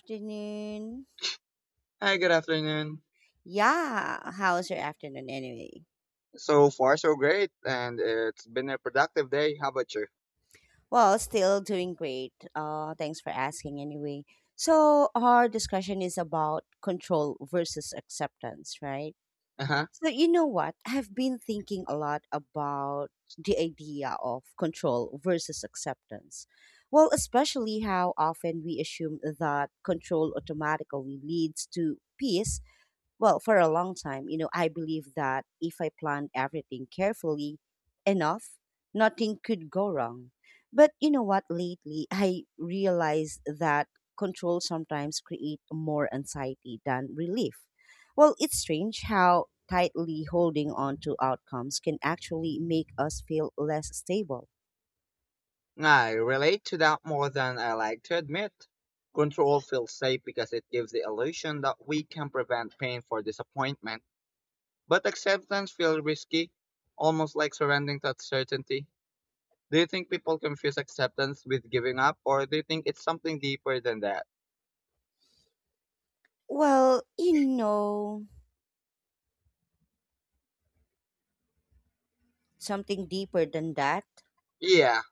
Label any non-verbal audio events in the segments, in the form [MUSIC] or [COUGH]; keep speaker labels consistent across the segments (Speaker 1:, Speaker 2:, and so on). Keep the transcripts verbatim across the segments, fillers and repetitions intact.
Speaker 1: Afternoon.
Speaker 2: Hi, good afternoon.
Speaker 1: Yeah, how's your afternoon anyway?
Speaker 2: So far, so great, and it's been a productive day. How about you?
Speaker 1: Well, still doing great. Uh, thanks for asking anyway. So, our discussion is about control versus acceptance, right?
Speaker 2: Uh-huh.
Speaker 1: So, you know what? I've been thinking a lot about the idea of control versus acceptance. Well, especially how often we assume that control automatically leads to peace. Well, for a long time, you know, I believe that if I planned everything carefully enough, nothing could go wrong. But you know what, lately I realized that control sometimes create more anxiety than relief. Well, it's strange how tightly holding on to outcomes can actually make us feel less stable.
Speaker 2: I relate to that more than I like to admit. Control feels safe because it gives the illusion that we can prevent pain for disappointment, but acceptance feels risky, almost like surrendering to uncertainty. Do you think people confuse acceptance with giving up, or do you think it's something deeper than that?
Speaker 1: Well, you know, something deeper than that.
Speaker 2: Yeah.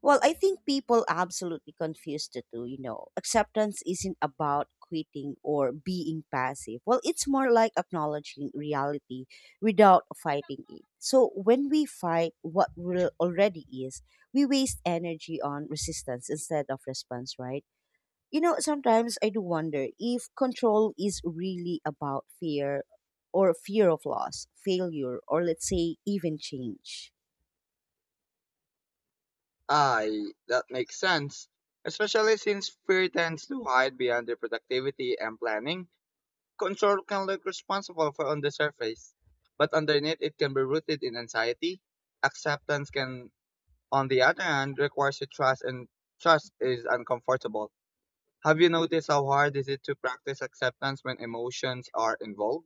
Speaker 1: Well, I think people absolutely confuse the two, you know. Acceptance isn't about quitting or being passive. Well, it's more like acknowledging reality without fighting it. So when we fight what real already is, we waste energy on resistance instead of response, right? You know, sometimes I do wonder if control is really about fear or fear of loss, failure, or let's say even change.
Speaker 2: Aye, that makes sense, especially since fear tends to hide behind the productivity and planning. Control can look responsible for on the surface, but underneath it can be rooted in anxiety. Acceptance can, on the other hand, requires to trust, and trust is uncomfortable. Have you noticed how hard is it to practice acceptance when emotions are involved?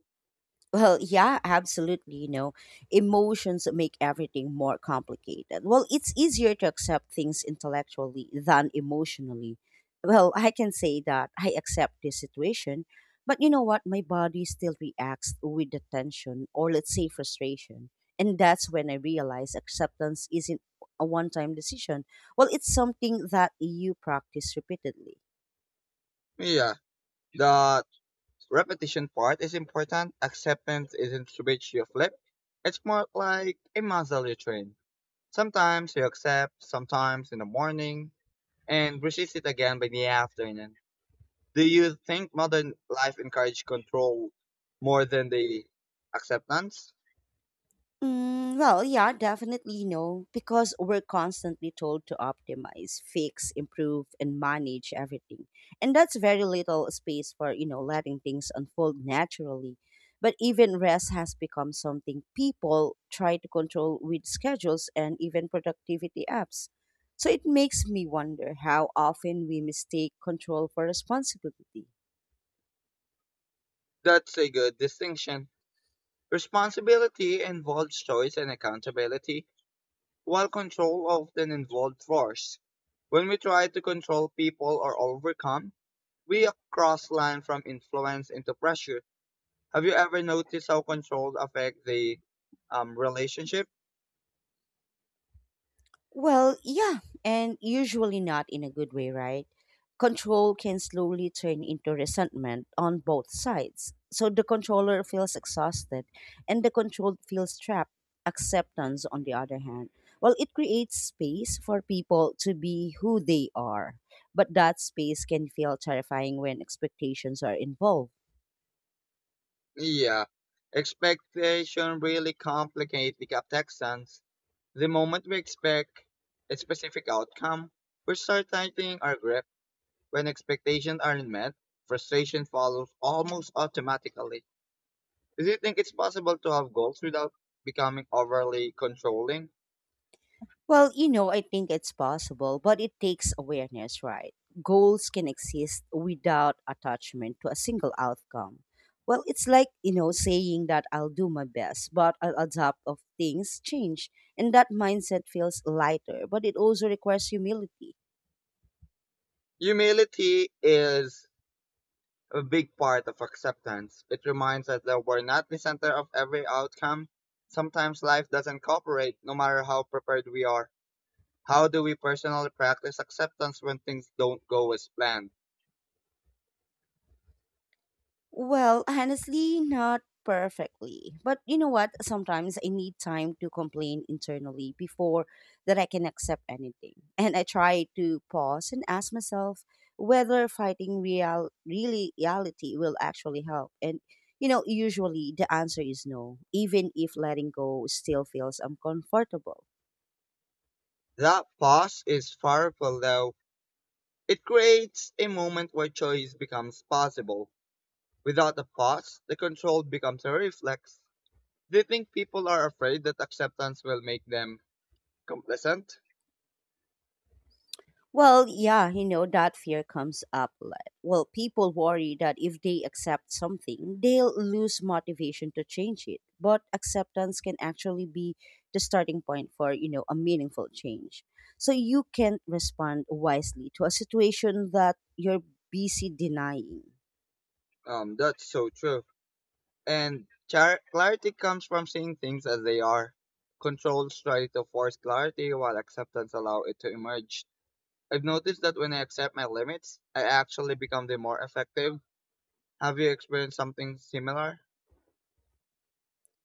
Speaker 1: Well, yeah, absolutely. You know, emotions make everything more complicated. Well, it's easier to accept things intellectually than emotionally. Well, I can say that I accept this situation, but you know what? My body still reacts with the tension or let's say frustration. And that's when I realize acceptance isn't a one time decision. Well, it's something that you practice repeatedly.
Speaker 2: Yeah, the repetition part is important. Acceptance isn't switch you flip. It's more like a muscle you train. Sometimes you accept, sometimes in the morning, and resist it again by the afternoon. Do you think modern life encourages control more than the acceptance?
Speaker 1: Mm, well, yeah, definitely no, because we're constantly told to optimize, fix, improve, and manage everything. And that's very little space for, you know, letting things unfold naturally. But even rest has become something people try to control with schedules and even productivity apps. So it makes me wonder how often we mistake control for responsibility.
Speaker 2: That's a good distinction. Responsibility involves choice and accountability, while control often involves force. When we try to control people or overcome, we cross line from influence into pressure. Have you ever noticed how control affects the um, relationship?
Speaker 1: Well, yeah, and usually not in a good way, right? Control can slowly turn into resentment on both sides. So the controller feels exhausted and the controlled feels trapped. Acceptance, on the other hand, well, it creates space for people to be who they are. But that space can feel terrifying when expectations are involved.
Speaker 2: Yeah, expectation really complicate the taxons. The moment we expect a specific outcome, we start tightening our grip. When expectations aren't met, frustration follows almost automatically. Do you think it's possible to have goals without becoming overly controlling?
Speaker 1: Well, you know, I think it's possible, but it takes awareness, right? Goals can exist without attachment to a single outcome. Well, it's like, you know, saying that I'll do my best, but I'll adapt if things change. And that mindset feels lighter, but it also requires humility.
Speaker 2: Humility is a big part of acceptance. It reminds us that we're not the center of every outcome. Sometimes life doesn't cooperate, no matter how prepared we are. How do we personally practice acceptance when things don't go as planned?
Speaker 1: Well, honestly, not perfectly. But you know what? Sometimes I need time to complain internally before that I can accept anything. [LAUGHS] And I try to pause and ask myself whether fighting real really reality will actually help. And you know, usually the answer is no, even if letting go still feels uncomfortable.
Speaker 2: That pause is powerful though. It creates a moment where choice becomes possible. Without the pause, the control becomes a reflex. Do you think people are afraid that acceptance will make them complacent?
Speaker 1: Well, yeah, you know, that fear comes up. like- Well, people worry that if they accept something, they'll lose motivation to change it. But acceptance can actually be the starting point for, you know, a meaningful change. So you can respond wisely to a situation that you're busy denying.
Speaker 2: Um, that's so true. And char- clarity comes from seeing things as they are. Controls try to force clarity while acceptance allows it to emerge. I've noticed that when I accept my limits, I actually become the more effective. Have you experienced something similar?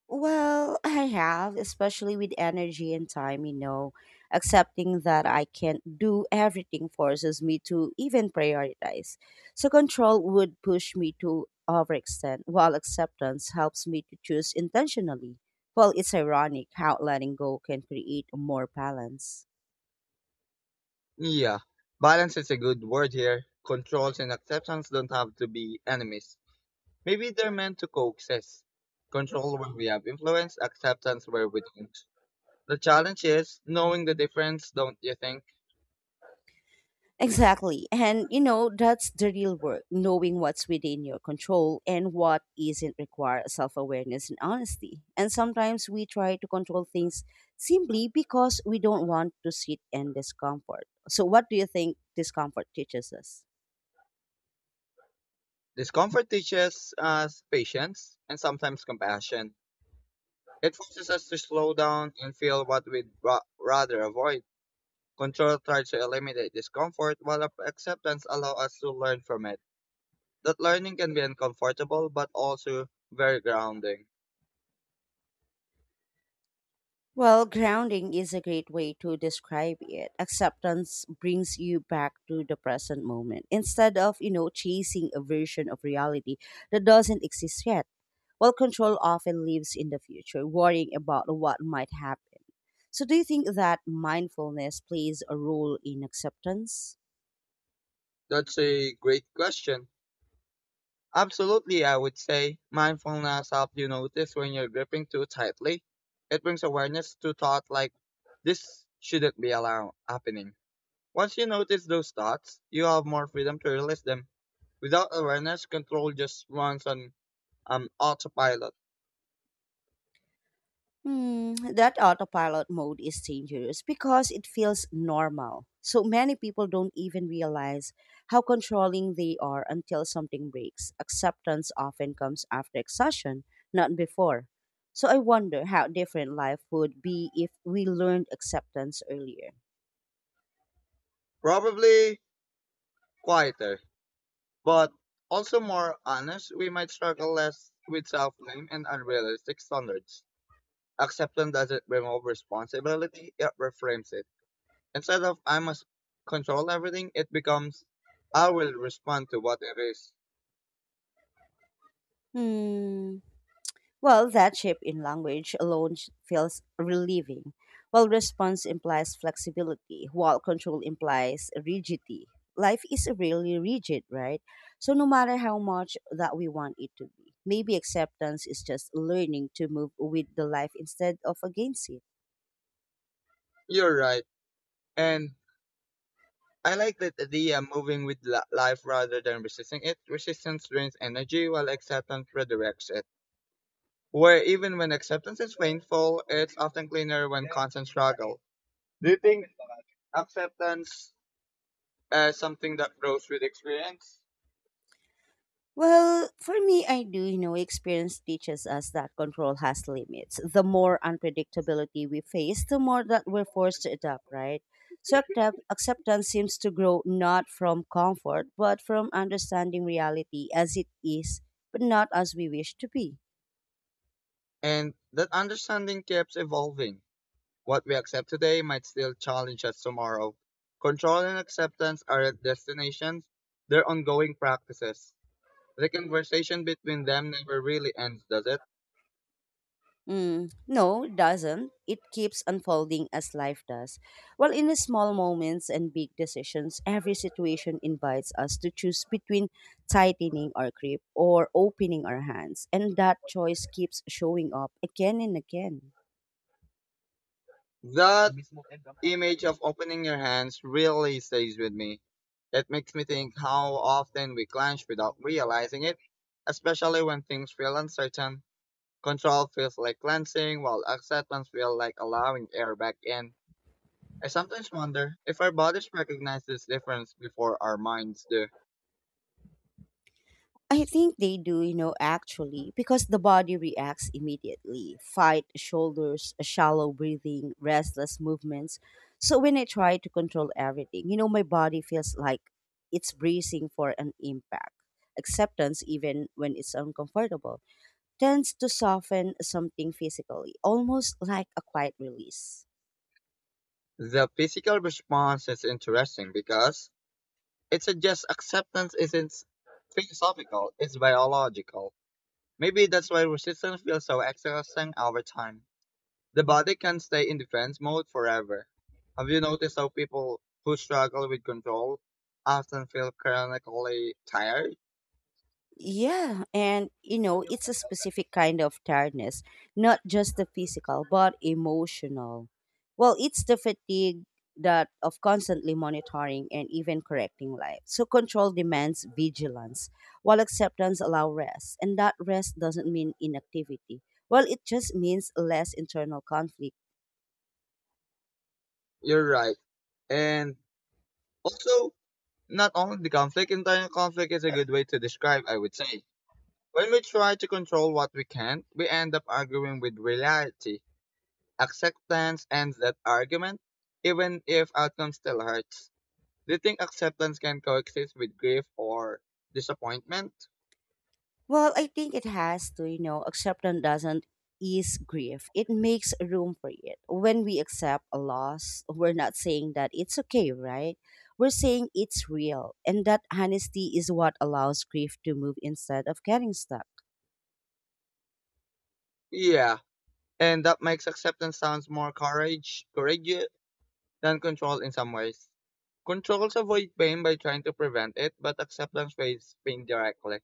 Speaker 1: Well, [LAUGHS] I have, especially with energy and time, you know. Accepting that I can't do everything forces me to even prioritize. So, control would push me to overextend, while acceptance helps me to choose intentionally. Well, it's ironic how letting go can create more balance.
Speaker 2: Yeah, balance is a good word here. Controls and acceptance don't have to be enemies. Maybe they're meant to coexist. Control where we have influence, acceptance where we don't. The challenge is knowing the difference, don't you think?
Speaker 1: Exactly. And you know, that's the real work, knowing what's within your control and what isn't. Require self awareness and honesty. And sometimes we try to control things simply because we don't want to sit in discomfort. So, what do you think discomfort teaches us?
Speaker 2: Discomfort teaches us patience and sometimes compassion. It forces us to slow down and feel what we'd ra- rather avoid. Control tries to eliminate discomfort, while ap- acceptance allows us to learn from it. That learning can be uncomfortable, but also very grounding.
Speaker 1: Well, grounding is a great way to describe it. Acceptance brings you back to the present moment instead of, you know, chasing a version of reality that doesn't exist yet. While control often lives in the future, worrying about what might happen. So, do you think that mindfulness plays a role in acceptance?
Speaker 2: That's a great question. Absolutely, I would say mindfulness helps you notice when you're gripping too tightly. It brings awareness to thought like this shouldn't be allowed happening. Once you notice those thoughts, you have more freedom to release them. Without awareness, control just runs on um, autopilot.
Speaker 1: Hmm, that autopilot mode is dangerous because it feels normal. So many people don't even realize how controlling they are until something breaks. Acceptance often comes after exhaustion, not before. So I wonder how different life would be if we learned acceptance earlier.
Speaker 2: Probably quieter, but also more honest. We might struggle less with self-blame and unrealistic standards. Acceptance doesn't remove responsibility, it reframes it. Instead of I must control everything, it becomes I will respond to what it is.
Speaker 1: Hmm. Well, that shift in language alone sh- feels relieving, while response implies flexibility, while control implies rigidity. Life is really rigid, right? So, no matter how much that we want it to be, maybe acceptance is just learning to move with the life instead of against it.
Speaker 2: You're right. And I like that idea moving with li- life rather than resisting it. Resistance drains energy while acceptance redirects it. Where even when acceptance is painful, it's often cleaner when constant struggle. Do you think acceptance as something that grows with experience?
Speaker 1: Well, for me, I do. You know, experience teaches us that control has limits. The more unpredictability we face, the more that we're forced to adapt, right? So accept- acceptance seems to grow not from comfort, but from understanding reality as it is, but not as we wish to be.
Speaker 2: And that understanding keeps evolving. What we accept today might still challenge us tomorrow. Control and acceptance aren't destinations, they're ongoing practices. The conversation between them never really ends, does it?
Speaker 1: Mm, no, it doesn't. It keeps unfolding as life does. Well, in the small moments and big decisions, every situation invites us to choose between tightening our grip or opening our hands, and that choice keeps showing up again and again.
Speaker 2: That image of opening your hands really stays with me. It makes me think how often we clench without realizing it, especially when things feel uncertain. Control feels like cleansing, while acceptance feels like allowing air back in. I sometimes wonder if our bodies recognize this difference before our minds do.
Speaker 1: I think they do, you know, actually, because the body reacts immediately fight, shoulders, shallow breathing, restless movements. So when I try to control everything, you know, my body feels like it's bracing for an impact. Acceptance, even when it's uncomfortable, tends to soften something physically, almost like a quiet release.
Speaker 2: The physical response is interesting because it suggests acceptance isn't philosophical, it's biological. Maybe that's why resistance feels so exhausting over time. The body can stay in defense mode forever. Have you noticed how people who struggle with control often feel chronically tired?
Speaker 1: Yeah, and you know, it's a specific kind of tiredness, not just the physical, but emotional. Well, it's the fatigue that of constantly monitoring and even correcting life. So control demands vigilance, while acceptance allow rest, and that rest doesn't mean inactivity. Well, it just means less internal conflict.
Speaker 2: You're right. And also, not only the conflict, internal conflict is a good way to describe, I would say. When we try to control what we can't, we end up arguing with reality. Acceptance ends that argument, even if outcome still hurts. Do you think acceptance can coexist with grief or disappointment?
Speaker 1: Well, I think it has to, you know, acceptance doesn't ease grief. It makes room for it. When we accept a loss, we're not saying that it's okay, right? We're saying it's real. And that honesty is what allows grief to move instead of getting stuck.
Speaker 2: Yeah. And that makes acceptance sounds more courage courageous than control in some ways. Controls avoid pain by trying to prevent it, but acceptance faces pain directly.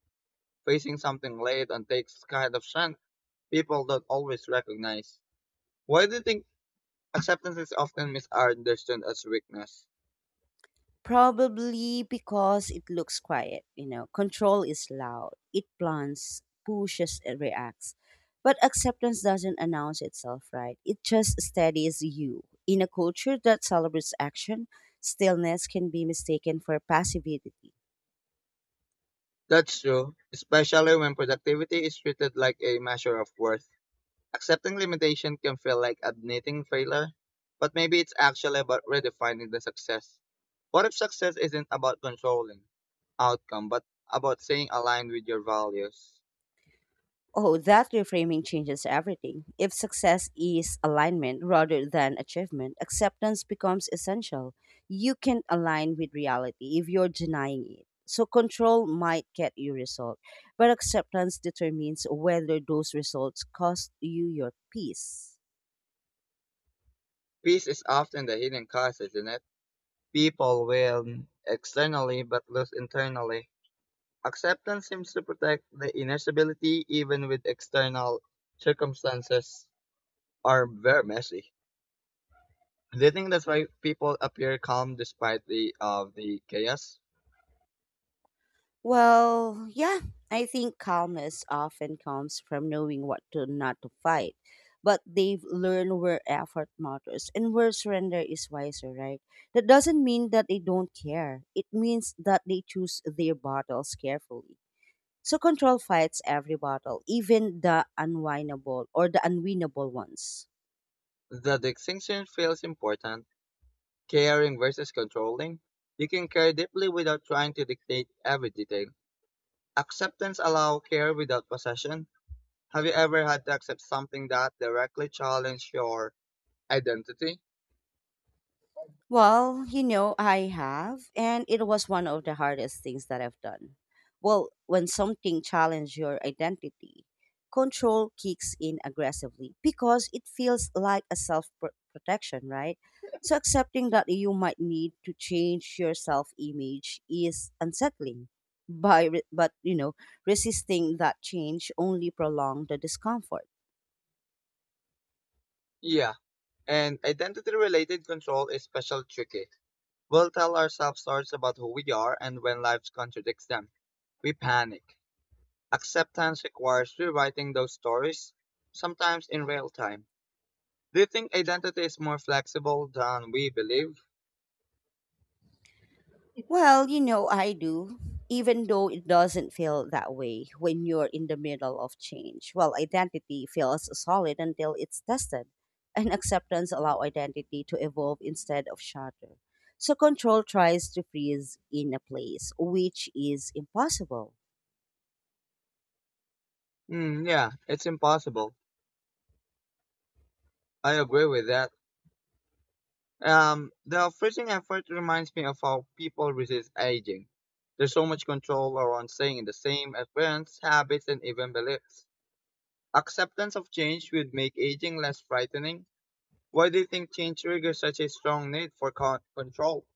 Speaker 2: Facing something late on takes kind of strength people don't always recognize. Why do you think acceptance is often misunderstood as weakness?
Speaker 1: Probably because it looks quiet, you know. Control is loud. It plans, pushes, and reacts. But acceptance doesn't announce itself, right? It just steadies you. In a culture that celebrates action, stillness can be mistaken for passivity.
Speaker 2: That's true, especially when productivity is treated like a measure of worth. Accepting limitation can feel like admitting failure, but maybe it's actually about redefining the success. What if success isn't about controlling outcome, but about staying aligned with your values?
Speaker 1: Oh, that reframing changes everything. If success is alignment rather than achievement, acceptance becomes essential. You can align with reality if you're denying it. So control might get you result, but acceptance determines whether those results cost you your peace.
Speaker 2: Peace is often the hidden cause, isn't it? People win externally but lose internally. Acceptance seems to protect the inner stability even with external circumstances are very messy. Do you think that's why people appear calm despite the of the chaos?
Speaker 1: Well, yeah, I think calmness often comes from knowing what to not to fight. But they've learned where effort matters and where surrender is wiser, right? That doesn't mean that they don't care. It means that they choose their battles carefully. So control fights every battle, even the unwinnable or the unwinnable ones.
Speaker 2: The distinction feels important. Caring versus controlling. You can care deeply without trying to dictate every detail. Acceptance allows care without possession. Have you ever had to accept something that directly challenged your identity?
Speaker 1: Well, you know, I have, and it was one of the hardest things that I've done. Well, when something challenges your identity, control kicks in aggressively because it feels like a self protection, right? So accepting that you might need to change your self image is unsettling. By re- but you know, resisting that change only prolong the discomfort.
Speaker 2: Yeah. And identity related control is special tricky. We'll tell ourselves stories about who we are and when life contradicts them. We panic. Acceptance requires rewriting those stories, sometimes in real time. Do you think identity is more flexible than we believe?
Speaker 1: Well, you know, I do, even though it doesn't feel that way when you're in the middle of change. Well, identity feels solid until it's tested, and acceptance allow identity to evolve instead of shatter. So control tries to freeze in a place, which is impossible.
Speaker 2: Mm, yeah, it's impossible. I agree with that. Um, the freezing effort reminds me of how people resist aging. There's so much control around staying in the same appearance, habits, and even beliefs. Acceptance of change would make aging less frightening. Why do you think change triggers such a strong need for con- control?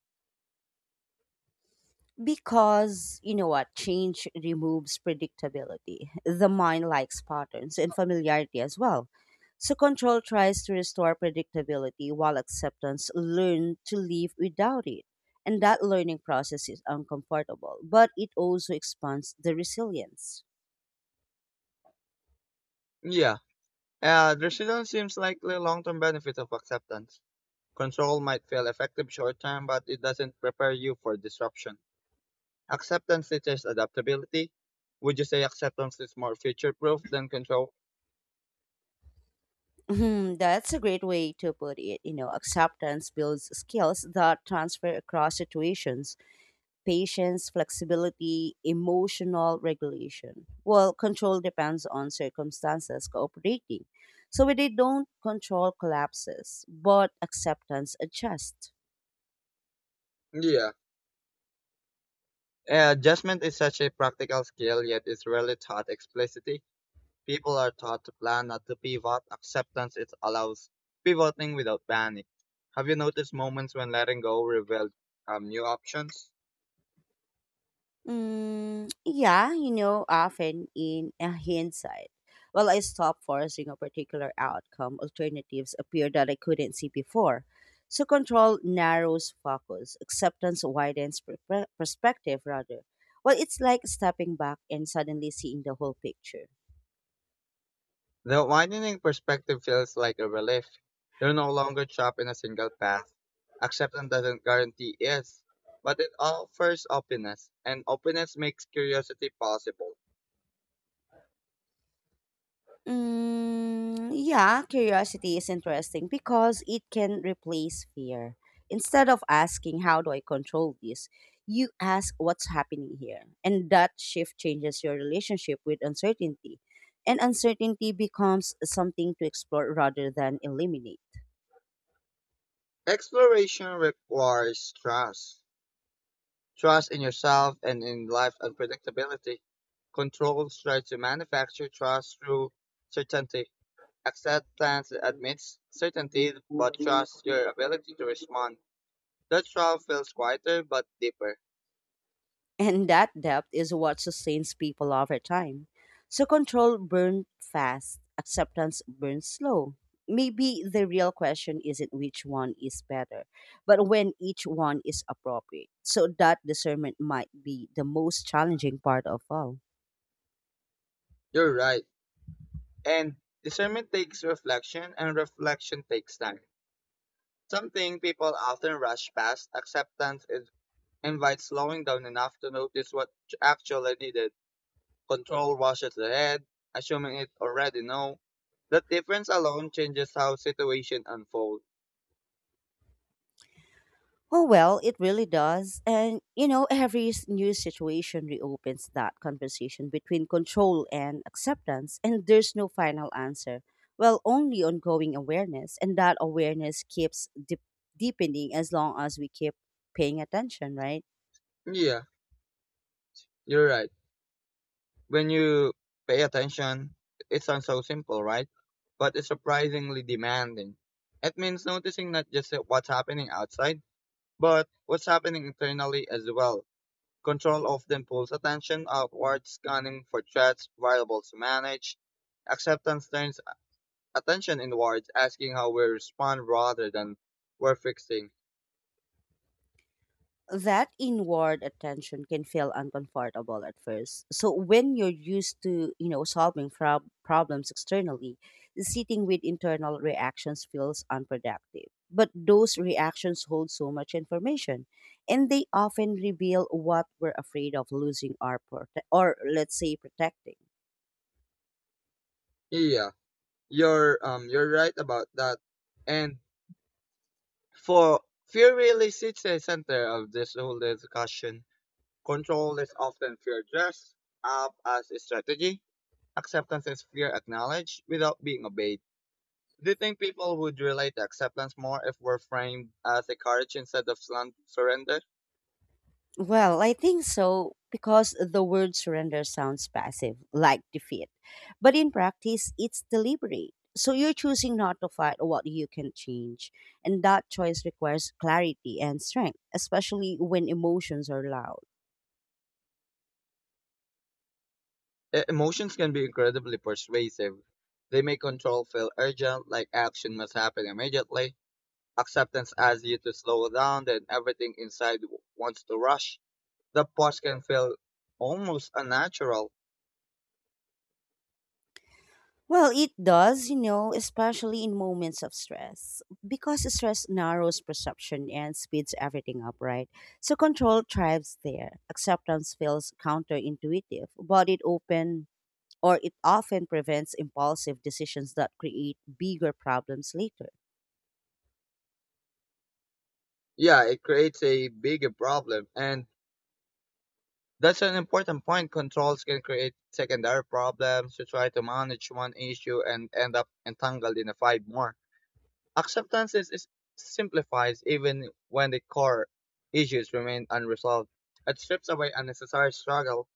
Speaker 1: Because you know what, change removes predictability. The mind likes patterns and familiarity as well. So control tries to restore predictability while acceptance learn to live without it. And that learning process is uncomfortable, but it also expands the resilience.
Speaker 2: Yeah, uh, the not seems like the long-term benefit of acceptance. Control might feel effective short term, but it doesn't prepare you for disruption. Acceptance teaches adaptability. Would you say acceptance is more future proof than control?
Speaker 1: Hmm, that's a great way to put it. You know, acceptance builds skills that transfer across situations patience, flexibility, emotional regulation. Well, control depends on circumstances cooperating. So when they don't control collapses, but acceptance adjusts.
Speaker 2: Yeah. Uh, Adjustment is such a practical skill, yet it's rarely taught explicitly. People are taught to plan, not to pivot. Acceptance it allows pivoting without panic. Have you noticed moments when letting go revealed um, new options?
Speaker 1: Mm, yeah, you know, often in a hindsight. Well, I stopped forcing a particular outcome. Alternatives appear that I couldn't see before. So control narrows focus. Acceptance widens per- per- perspective, rather. Well, it's like stepping back and suddenly seeing the whole picture.
Speaker 2: The widening perspective feels like a relief. You're no longer trapped in a single path. Acceptance doesn't guarantee yes, but it offers openness, and openness makes curiosity possible.
Speaker 1: Mm, yeah, curiosity is interesting because it can replace fear. Instead of asking, "How do I control this?" you ask, "What's happening here?" And that shift changes your relationship with uncertainty. And uncertainty becomes something to explore rather than eliminate.
Speaker 2: Exploration requires trust. Trust in yourself and in life's unpredictability. Controls try to manufacture trust through certainty. Acceptance admits certainty, but trusts your ability to respond. That trust feels quieter but deeper.
Speaker 1: And that depth is what sustains people over time. So control burned fast, acceptance burns slow. Maybe the real question isn't which one is better, but when each one is appropriate. So that discernment might be the most challenging part of all.
Speaker 2: You're right. And discernment takes reflection, and reflection takes time. Something people often rush past, acceptance is, invites slowing down enough to notice what you actually needed. Control washes ahead, assuming it already know. That difference alone changes how situation unfold.
Speaker 1: Oh, well, it really does. And, you know, every s- new situation reopens that conversation between control and acceptance, and there's no final answer. Well, only ongoing awareness, and that awareness keeps dip- deepening as long as we keep paying attention, right?
Speaker 2: Yeah, you're right. When you pay attention, it sounds so simple, right? But it's surprisingly demanding. It means noticing not just what's happening outside, but what's happening internally as well? Control often pulls attention outward, scanning for threats, variables to manage. Acceptance turns attention inwards, asking how we respond rather than we're fixing.
Speaker 1: That inward attention can feel uncomfortable at first. So when you're used to, you know, solving prob- problems externally, sitting with internal reactions feels unproductive. But those reactions hold so much information, and they often reveal what we're afraid of losing or prote- or let's say protecting.
Speaker 2: Yeah, you're um you're right about that. And for fear really sits at the center of this whole discussion. Control is often fear dressed up as a strategy. Acceptance is fear acknowledged without being obeyed. Do you think people would relate to acceptance more if we're framed as a courage instead of slant surrender?
Speaker 1: Well, I think so because the word surrender sounds passive, like defeat. But in practice, it's deliberate. So you're choosing not to fight what you can change. And that choice requires clarity and strength, especially when emotions are loud.
Speaker 2: E- Emotions can be incredibly persuasive. They make control feel urgent, like action must happen immediately. Acceptance asks you to slow down, then everything inside w- wants to rush. The pause can feel almost unnatural.
Speaker 1: Well, it does, you know, especially in moments of stress, because stress narrows perception and speeds everything up, right? So control thrives there. Acceptance feels counterintuitive, but it open or it often prevents impulsive decisions that create bigger problems later.
Speaker 2: Yeah, it creates a bigger problem, and that's an important point. Controls can create secondary problems. You try to manage one issue and end up entangled in a five more. Acceptance is, is simplifies even when the core issues remain unresolved. It strips away unnecessary struggle.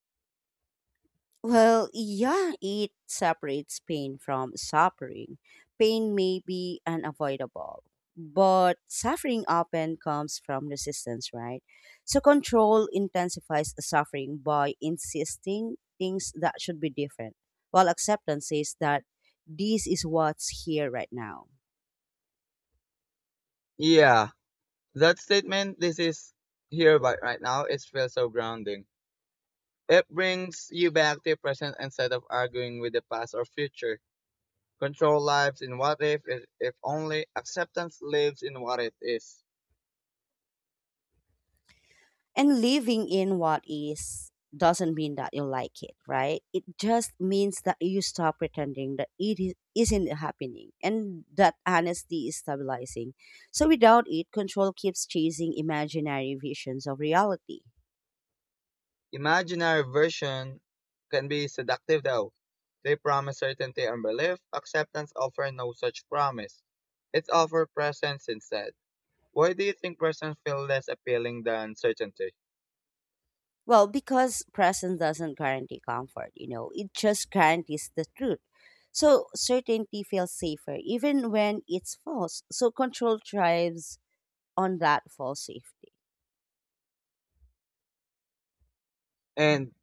Speaker 1: Well, yeah, it separates pain from suffering. Pain may be unavoidable, but suffering often comes from resistance, right? So control intensifies the suffering by insisting things that should be different, while acceptance says that this is what's here right now.
Speaker 2: Yeah, that statement, this is here but right now, it feels so grounding. It brings you back to present instead of arguing with the past or future. Control lives in what if, if if only acceptance lives in what it is.
Speaker 1: And living in what is doesn't mean that you like it, right. It just means that you stop pretending that it is, isn't happening, and that honesty is stabilizing. So without it control keeps chasing imaginary visions of reality.
Speaker 2: Imaginary versions can be seductive though. They promise certainty and belief. Acceptance offers no such promise. It offers presence instead. Why do you think presence feels less appealing than certainty?
Speaker 1: Well, because presence doesn't guarantee comfort, you know, it just guarantees the truth. So certainty feels safer even when it's false, so control thrives on that false safety.
Speaker 2: And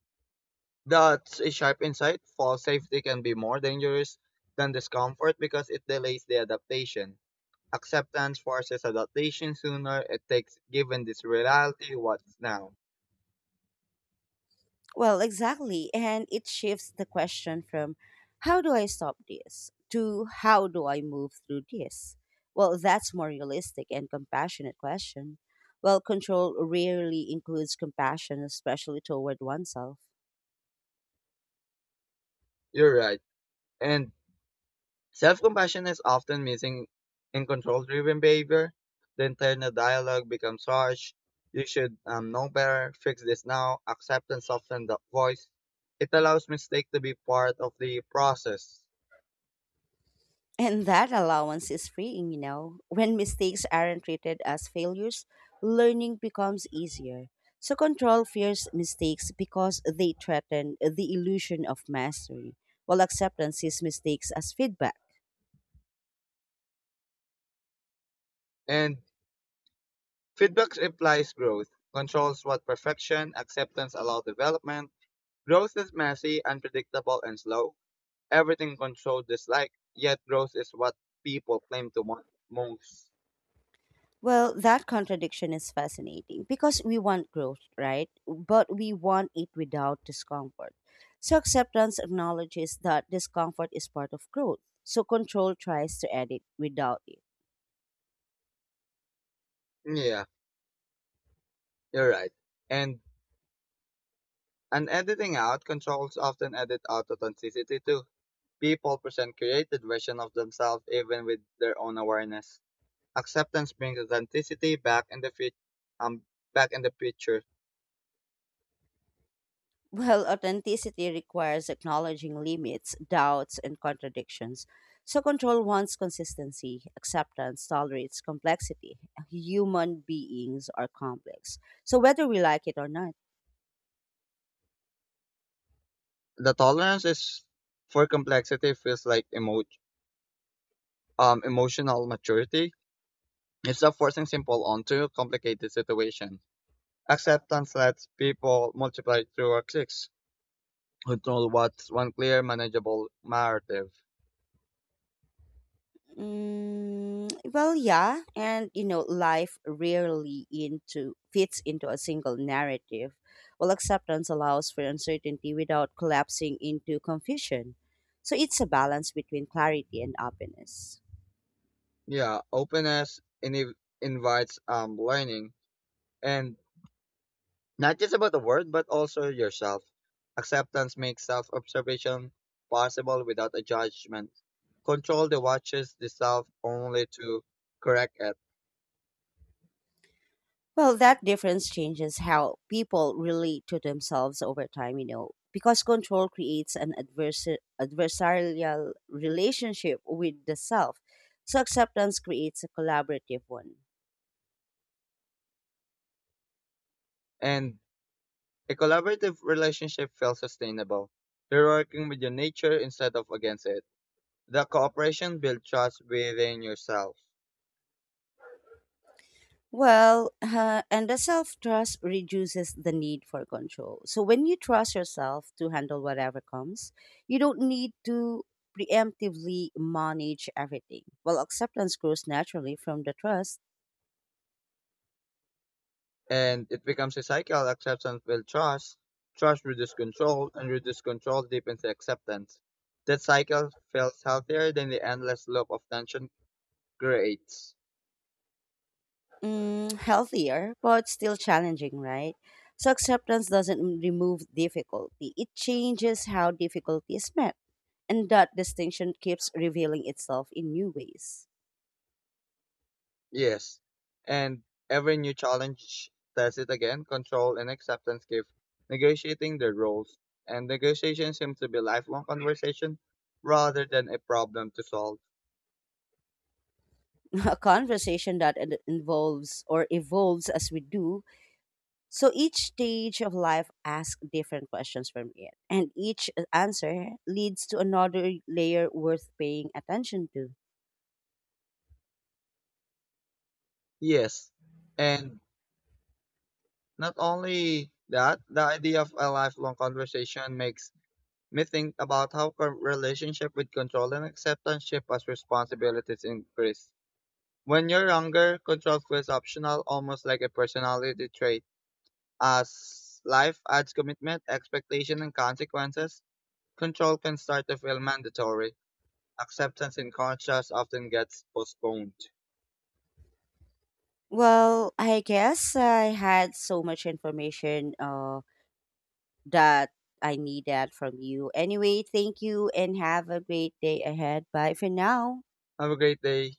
Speaker 2: that's a sharp insight. False safety can be more dangerous than discomfort because it delays the adaptation. Acceptance forces adaptation sooner. It takes given this reality what's now.
Speaker 1: Well, exactly. And it shifts the question from "how do I stop this" to "how do I move through this?" Well, that's more realistic and compassionate question. Well, control rarely includes compassion, especially toward oneself.
Speaker 2: You're right. And self compassion is often missing in control driven behavior. The internal dialogue becomes harsh. You should um, know better, fix this now, acceptance soften the voice. It allows mistake to be part of the process.
Speaker 1: And that allowance is freeing, you know. When mistakes aren't treated as failures, learning becomes easier. So control fears mistakes because they threaten the illusion of mastery, while acceptance sees mistakes as feedback.
Speaker 2: And feedback implies growth, controls what perfection, acceptance allow development. Growth is messy, unpredictable, and slow. Everything controlled dislike, yet growth is what people claim to want most.
Speaker 1: Well, that contradiction is fascinating because we want growth, right? But we want it without discomfort. So acceptance acknowledges that discomfort is part of growth. So control tries to edit without it. [LAUGHS]
Speaker 2: Yeah, you're right. And And editing out, controls often edit out authenticity too. People present created version of themselves even with their own awareness. Acceptance brings authenticity back in the fit, um, back in the picture.
Speaker 1: Well, authenticity requires acknowledging limits, doubts, and contradictions. So control wants consistency, acceptance tolerates complexity. Human beings are complex. So whether we like it or not.
Speaker 2: The tolerance is for complexity feels like emo- um, emotional maturity. It's not forcing simple onto a complicated situation. Acceptance lets people multiply through our clicks, control what's one clear, manageable narrative.
Speaker 1: Mm, well, yeah, and you know, life rarely into fits into a single narrative. Well, acceptance allows for uncertainty without collapsing into confusion. So it's a balance between clarity and openness.
Speaker 2: Yeah, openness in- invites um learning and not just about the world but also yourself. Acceptance makes self-observation possible without a judgment. Control the watches the self only to correct it.
Speaker 1: Well, that difference changes how people relate to themselves over time, you know, because control creates an adversa- adversarial relationship with the self. So acceptance creates a collaborative one.
Speaker 2: And a collaborative relationship feels sustainable. You're working with your nature instead of against it. The cooperation builds trust within yourself.
Speaker 1: Well, uh, and the self trust reduces the need for control. So when you trust yourself to handle whatever comes, you don't need to preemptively manage everything. Well, acceptance grows naturally from the trust.
Speaker 2: And it becomes a cycle. Acceptance builds trust. Trust reduces control, and reduced control deepens acceptance. That cycle feels healthier than the endless loop of tension creates.
Speaker 1: Mm, healthier, but still challenging, right? So acceptance doesn't remove difficulty, it changes how difficulty is met. And that distinction keeps revealing itself in new ways.
Speaker 2: Yes. And every new challenge tests it again. Control and acceptance give negotiating their roles. And negotiation seems to be lifelong conversation rather than a problem to solve.
Speaker 1: A conversation that en- involves or evolves as we do. So each stage of life asks different questions from it, and each uh, answer leads to another layer worth paying attention to.
Speaker 2: Yes. And not only that, the idea of a lifelong conversation makes me think about how com- relationship with control and acceptance shift as responsibilities increase. When you're younger, control feels optional, almost like a personality trait. As life adds commitment, expectation, and consequences, control can start to feel mandatory. Acceptance in contrast often gets postponed.
Speaker 1: Well, I guess I had so much information uh, that I needed from you. Anyway, thank you and have a great day ahead. Bye for now.
Speaker 2: Have a great day.